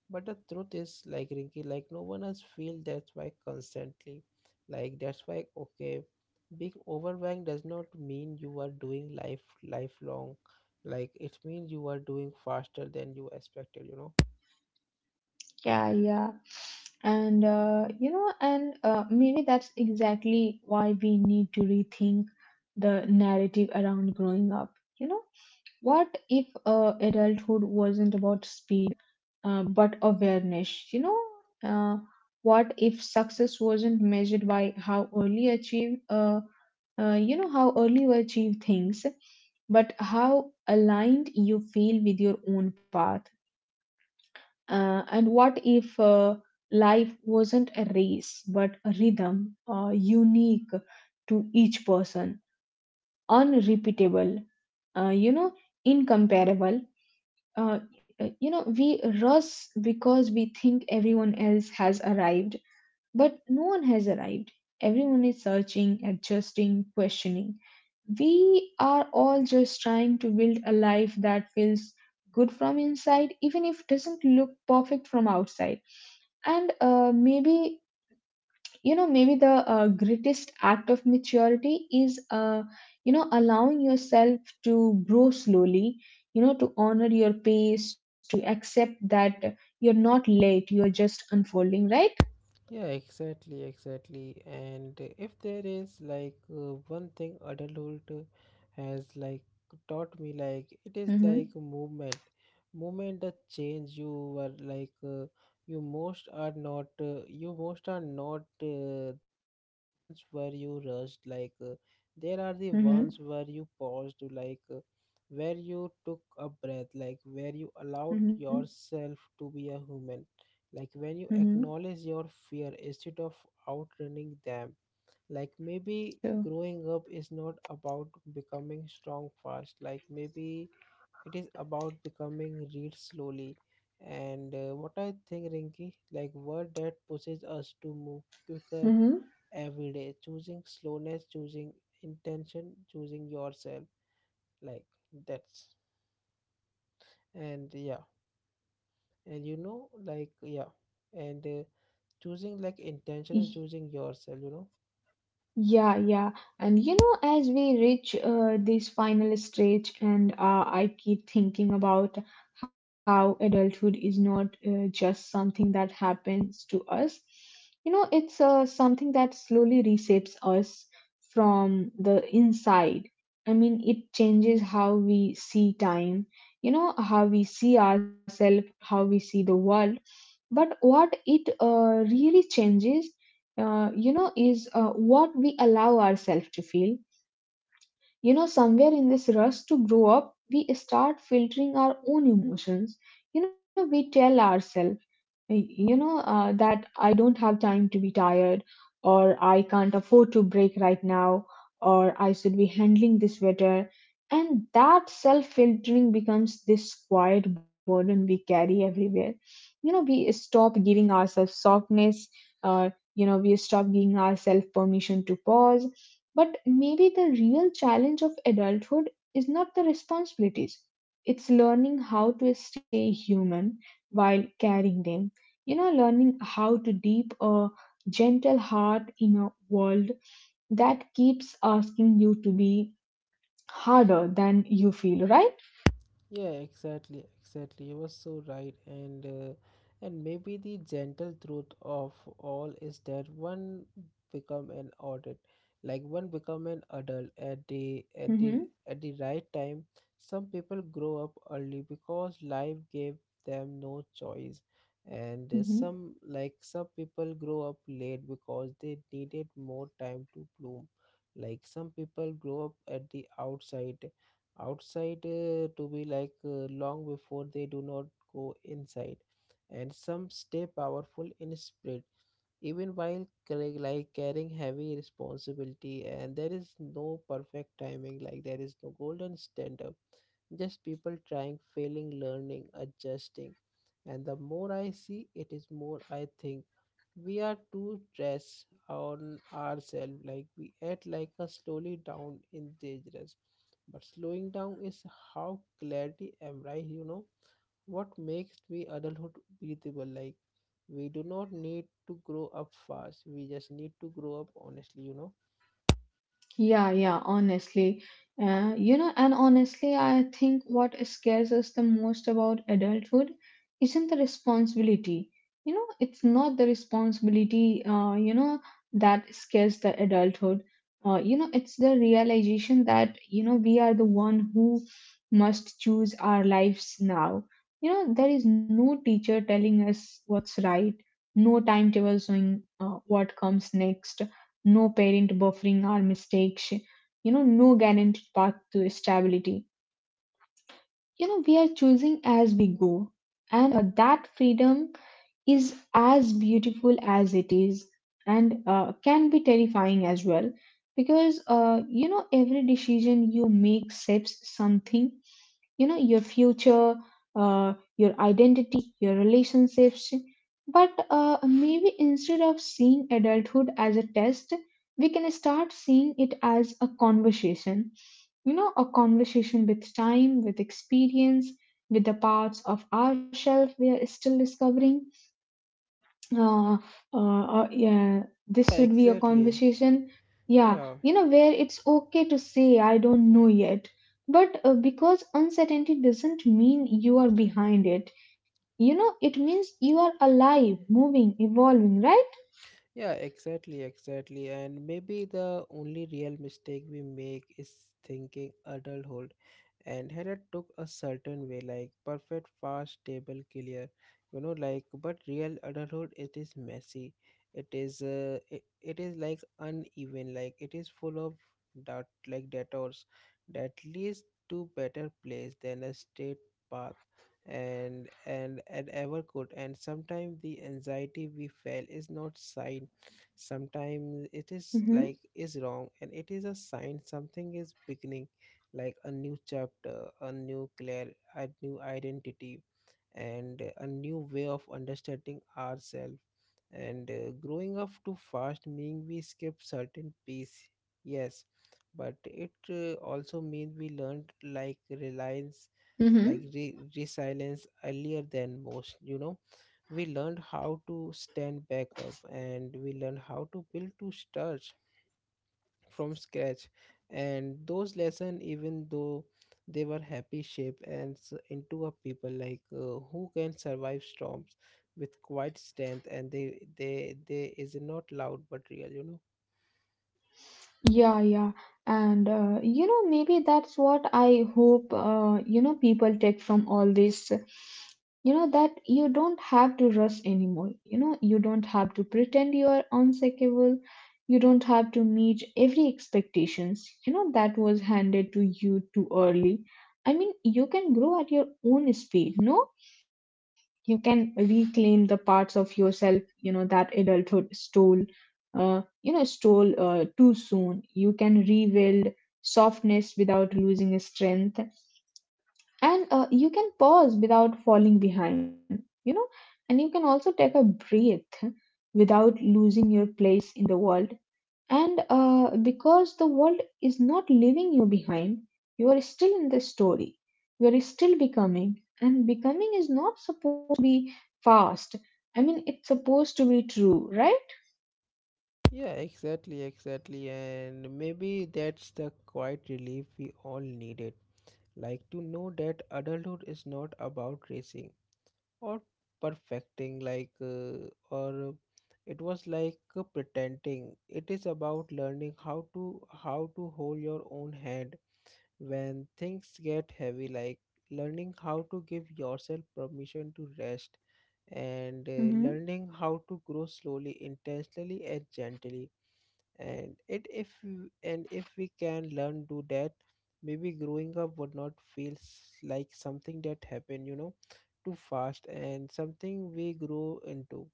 Speaker 1: But the truth is, like, Rinky, like no one else feels that's why constantly. Like that's why, okay, being overwhelmed does not mean you are doing life lifelong. Like it means you are doing faster than you expected, you know.
Speaker 2: Yeah, yeah. And, you know, and maybe that's exactly why we need to rethink the narrative around growing up. You know, what if adulthood wasn't about speed? But awareness. You know, uh, what if success wasn't measured by how early achieved, how early you achieve things, but how aligned you feel with your own path? And what if life wasn't a race, but a rhythm, unique to each person, unrepeatable, you know, incomparable? uh, you know, we rush because we think everyone else has arrived, but no one has arrived. Everyone is searching, adjusting, questioning. We are all just trying to build a life that feels good from inside, even if it doesn't look perfect from outside. And maybe you know maybe the greatest act of maturity is allowing yourself to grow slowly, to honor your pace, to accept that you're not late, you're just unfolding, right?
Speaker 1: Yeah, exactly, exactly. And if there is like one thing adulthood has like taught me, like it is like
Speaker 2: mhm
Speaker 1: movement, movement the change you were like you most are not you most are not the ones where you rushed. Like, there are the
Speaker 2: mhm
Speaker 1: ones where you paused, like where you took a breath, like where you allowed
Speaker 2: mhm
Speaker 1: yourself to be a human, like when you
Speaker 2: mhm
Speaker 1: acknowledge your fear instead of outrunning them. Like maybe
Speaker 2: true.
Speaker 1: growing up is not about becoming strong fast, like maybe it is about becoming read slowly. And what I think, Rinky, like word that pushes us to move quicker
Speaker 2: mhm
Speaker 1: every day, choosing slowness, choosing intention, choosing yourself. Like, that's, and yeah, and you know, like, yeah, and choosing like intention and choosing yourself, you know.
Speaker 2: Yeah, yeah. And as we reach this final stage, and I keep thinking about how adulthood is not just something that happens to us. You know, it's something that slowly reshapes us from the inside. I mean, it changes how we see time, you know, how we see ourselves, how we see the world, but what it really changes, is what we allow ourselves to feel. You know, somewhere in this rush to grow up, we start filtering our own emotions. You know, we tell ourselves, that I don't have time to be tired, or I can't afford to break right now, or I should be handling this better. And that self filtering becomes this quiet burden we carry everywhere. You know, we stop giving ourselves softness. uh, you know, we stop giving ourselves permission to pause. But maybe the real challenge of adulthood is not the responsibilities, it's learning how to stay human while carrying them. You know, learning how to deep a gentle heart in a world that keeps asking you to be harder than you feel, right?
Speaker 1: Yeah, exactly, exactly. You were so right, and and maybe the gentle truth of all is that one become an adult, like one become an adult at the at the
Speaker 2: Mm-hmm.
Speaker 1: at the right time. Some people grow up early because life gave them no choice,
Speaker 2: mm-hmm.
Speaker 1: and some people grow up late because they needed more time to bloom. Like some people grow up at the outside to be like long before they do not go inside, and some stay powerful in spirit even while carrying heavy responsibility. And there is no perfect timing, like there is no golden standard, just people trying, failing, learning, adjusting. And the more I see it, is more I think we are too stressed on ourselves. Like we act like a slowly down in dangerous, but slowing down is how clarity embrace, you know, what makes the adulthood breathable. Like we do not need to grow up fast, we just need to grow up honestly, you know.
Speaker 2: Yeah, yeah, honestly. You know, and honestly, I think what scares us the most about adulthood isn't the responsibility. You know, it's not the responsibility, you know, that scares the adulthood. You know, it's the realization that, you know, we are the one who must choose our lives now. You know, there is no teacher telling us what's right, no timetable showing what comes next, no parent buffering our mistakes, you know, no guaranteed path to stability. You know, we are choosing as we go, and that freedom is as beautiful as it is, and can be terrifying as well, because you know, every decision you make shapes something, you know, your future, your identity, your relationships. But maybe instead of seeing adulthood as a test, we can start seeing it as a conversation. You know, a conversation with time, with experience, with the parts of ourselves we are still discovering. Uh, yeah, this
Speaker 1: Yeah,
Speaker 2: should be a
Speaker 1: exactly,
Speaker 2: conversation. Yeah,
Speaker 1: yeah.
Speaker 2: you know, where it's okay to say, I don't know yet. But because uncertainty doesn't mean you are behind it, you know, it means you are alive, moving, evolving, right?
Speaker 1: Yeah, exactly, exactly. And maybe the only real mistake we make is thinking adulthood. And Hera took a certain way, like perfect, fast, stable, clear. You know, like but real adulthood, it is messy. It is, it is like uneven. Like it is full of dot, like detours that leads to better place than a straight path and and ever could. And sometimes the anxiety we feel is not sign, sometimes it is
Speaker 2: hmm
Speaker 1: like is wrong, and it is a sign something is beginning, like a new chapter, a new clear, a new identity, and a new way of understanding ourselves. And growing up too fast mean we skip certain piece, yes, but it also means we learned like reliance, like
Speaker 2: Mm-hmm.
Speaker 1: resilience earlier than most, you know. We learned how to stand back up, and we learned how to build, to start from scratch. And those lessons, even though they were happy, shape and into a people like who can survive storms with quiet strength, and they is not loud but real, you know.
Speaker 2: Yeah, yeah. And you know, maybe that's what I hope you know, people take from all this. You know, that you don't have to rush anymore. You know, you don't have to pretend you are unsinkable. You don't have to meet every expectations, you know, that was handed to you too early. I mean, you can grow at your own speed, no? You can reclaim the parts of yourself, you know, that adulthood stole, stole too soon. You can rebuild softness without losing strength, and you can pause without falling behind, you know. And you can also take a breath without losing your place in the world. And because the world is not leaving you behind, you are still in the story. You are still becoming. And becoming is not supposed to be fast. I mean, it's supposed to be true, right?
Speaker 1: Yeah, exactly, exactly. And maybe that's the quiet relief we all needed. Like, to know that adulthood is not about racing or perfecting like or it was like pretending, it is about learning how to hold your own hand when things get heavy, like learning how to give yourself permission to rest, and
Speaker 2: Mhm.
Speaker 1: learning how to grow slowly, intentionally, and gently. And it if and if we can learn do that, maybe growing up would not feel like something that happened, you know, too fast, and something we grow into,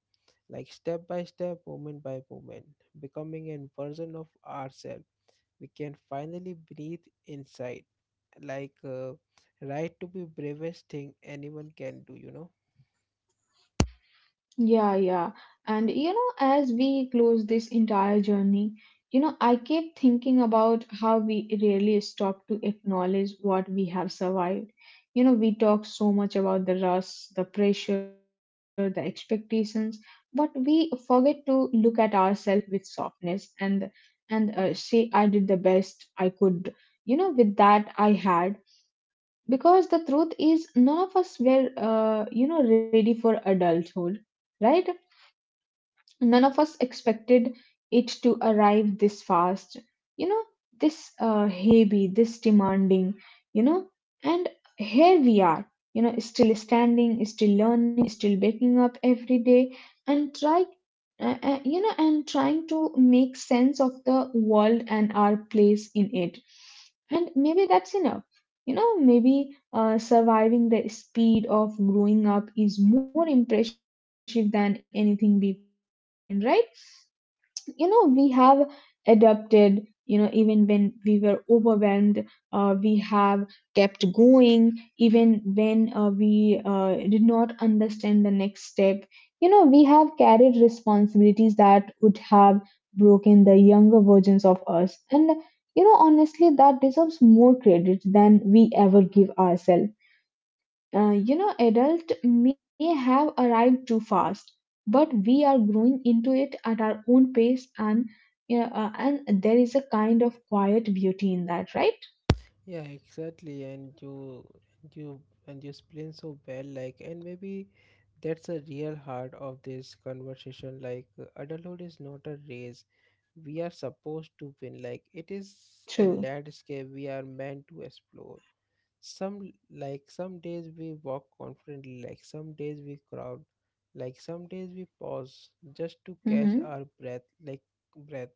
Speaker 1: like step by step, moment by moment, becoming a version of ourselves we can finally breathe inside. Like, right to be bravest thing anyone can do, you know.
Speaker 2: Yeah, yeah. And you know, as we close this entire journey, you know, I keep thinking about how we rarely stop to acknowledge what we have survived. You know, we talk so much about the rush, the pressure, the expectations, but we forget to look at ourselves with softness and say, I did the best I could, you know, with that I had. Because the truth is, none of us were, you know, ready for adulthood, right? None of us expected it to arrive this fast, you know, this heavy, this demanding, you know. And here we are, you know, still standing, still learning, still waking up every day and try you know, and trying to make sense of the world and our place in it. And maybe that's enough. You know, maybe surviving the speed of growing up is more impressive than anything we post online, right? You know, we have adapted, you know, even when we were overwhelmed. We have kept going, even when we did not understand the next step. You know, we have carried responsibilities that would have broken the younger versions of us. And you know, honestly, that deserves more credit than we ever give ourselves. You know, adult may have arrived too fast, but we are growing into it at our own pace. And you know, and there is a kind of quiet beauty in that, right?
Speaker 1: Yeah, exactly, and you and you explain so well, like, and maybe that's a real heart of this conversation. Like, adulthood is not a race we are supposed to win. Like, it is a
Speaker 2: True.
Speaker 1: landscape we are meant to explore. Some days we walk confidently, like some days we crowd, like some days we pause just to catch
Speaker 2: Mm-hmm.
Speaker 1: our breath, breath.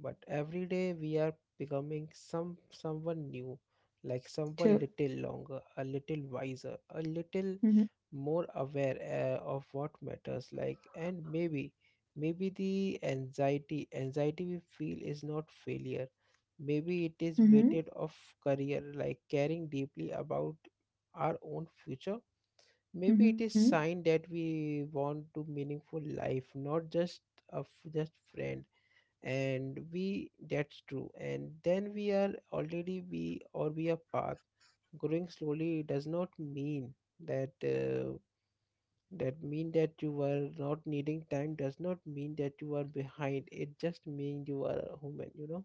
Speaker 1: But every day we are becoming someone new, like someone
Speaker 2: True.
Speaker 1: little longer, a little wiser, a little
Speaker 2: Mm-hmm.
Speaker 1: more aware of what matters, like. And maybe maybe the anxiety we feel is not failure, maybe it is
Speaker 2: Mm-hmm.
Speaker 1: weighted of career, like caring deeply about our own future, maybe it
Speaker 2: Mm-hmm.
Speaker 1: is sign that we want to meaningful life, not just a just friend. And we that's true, and then we are already we or we are path. Growing slowly does not mean that that mean that you are not needing time, does not mean that you are behind, it just means you are a human, you know.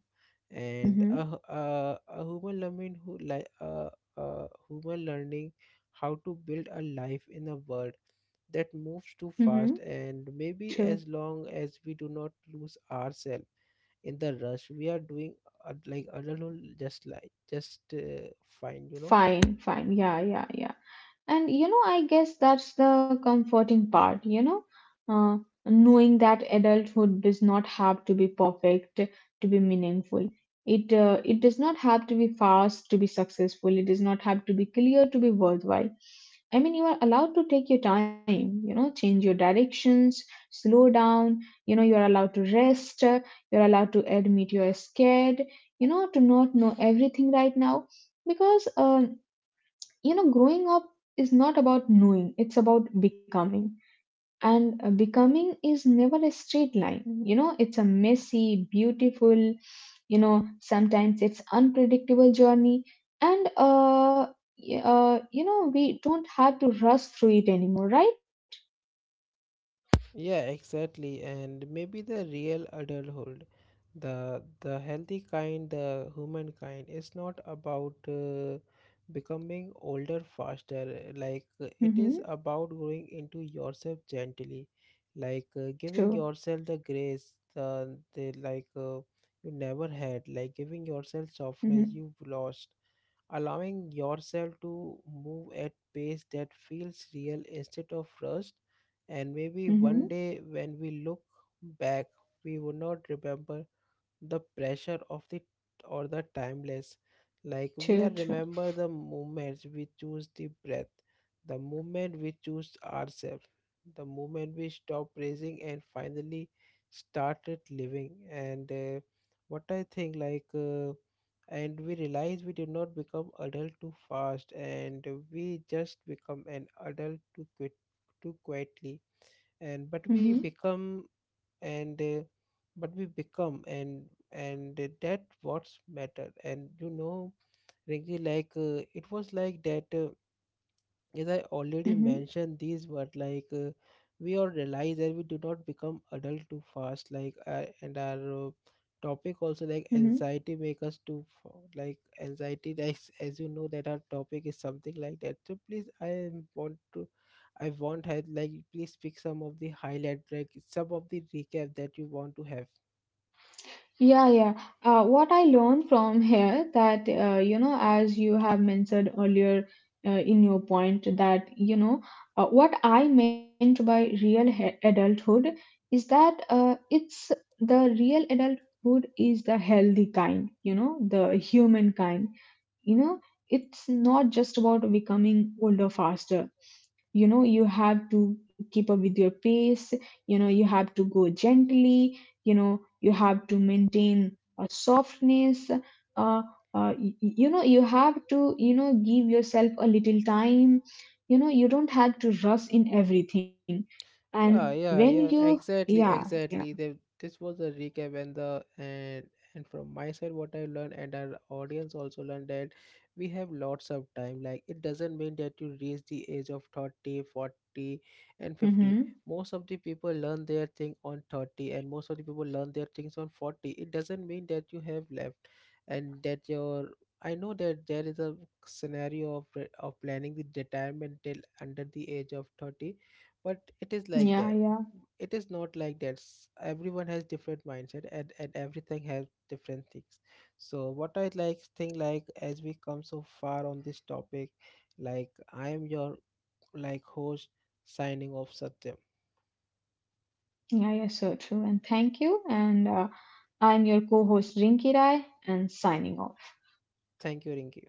Speaker 1: And a,
Speaker 2: Mm-hmm.
Speaker 1: a human learning who like, a human learning how to build a life in a world that moves too
Speaker 2: Mm-hmm.
Speaker 1: fast. And
Speaker 2: True.
Speaker 1: maybe as long as we do not lose ourselves in the rush, we are doing like adulthood just like just fine, you know.
Speaker 2: Fine. Fine. Yeah. Yeah. Yeah. And you know, I guess that's the comforting part, you know, uh, knowing that adulthood does not have to be perfect to be meaningful. It does not have to be fast to be successful. It does not have to be clear to be worthwhile. I mean, you are allowed to take your time, you know, change your directions, slow down, you know, you're allowed to rest, you're allowed to admit you're scared, you know, to not know everything right now. Because you know, growing up is not about knowing, it's about becoming. And becoming is never a straight line. You know, it's a messy, beautiful, you know, sometimes it's unpredictable journey. And you know, we don't have to rush through it anymore, right?
Speaker 1: Yeah, exactly. And maybe the real adulthood, the healthy kind, the human kind, is not about becoming older faster. Like, it is
Speaker 2: mm-hmm.
Speaker 1: about growing into yourself gently, like
Speaker 2: true
Speaker 1: uh, giving yourself the grace, the, the you never had, like giving yourself
Speaker 2: mm-hmm.
Speaker 1: softness you've lost, allowing yourself to move at pace that feels real instead of rushed. And maybe
Speaker 2: Mm-hmm.
Speaker 1: one day when we look back, we would not remember the pressure of the or the timeless. Like we are
Speaker 2: true true
Speaker 1: remember the moments we choose the breath, the moment we choose ourselves, the moment we stop raising and finally started living. And what I think like. And we realize we did not become adult too fast, and we just become an adult too quick, too quietly, and but
Speaker 2: mm-hmm.
Speaker 1: we become. And but we become, and that what's matter. And you know, really like it was like that as I already
Speaker 2: Mm-hmm.
Speaker 1: mentioned these but like we all realize that we do not become adult too fast like and our topic also like
Speaker 2: Mm-hmm.
Speaker 1: anxiety make us too like anxiety, as you know that our topic is something like that, so please I want to, I want had like, please pick some of the highlight, like some of the recap that you want to have.
Speaker 2: Yeah, yeah. What I learned from here, that you know, as you have mentioned earlier in your point, that you know, what I meant by adulthood is that it's the real adulthood is the healthy kind, you know, the human kind. You know, it's not just about becoming older faster. You know, you have to keep up with your pace. You know, you have to go gently. You know, you have to maintain a softness. You know, you have to, you know, give yourself a little time. You know, you don't have to rush in everything. And
Speaker 1: Yeah,
Speaker 2: when
Speaker 1: yeah, yeah.
Speaker 2: you
Speaker 1: Exactly,
Speaker 2: yeah yeah
Speaker 1: exactly. The, this was a recap and the and from my side, what I learned and our audience also learned that we have lots of time. Like it doesn't mean that you reach the age of 30, 40, and
Speaker 2: mm-hmm.
Speaker 1: 50. Most of the people learn their thing on 30, and most of the people learn their things on 40. It doesn't mean that you have left, and that your, I know that there is a scenario of of planning the retirement till under the age of 30, but it is
Speaker 2: yeah
Speaker 1: like
Speaker 2: yeah
Speaker 1: that, it is not like that. Everyone has different mindset, and everything has different things. So what I like think, like, as we come so far on this topic, like I am your like host, signing off, Satyam.
Speaker 2: yeah, so true, and thank you. And I'm your co-host Rinki Rai, and signing off.
Speaker 1: Thank you, Rinki.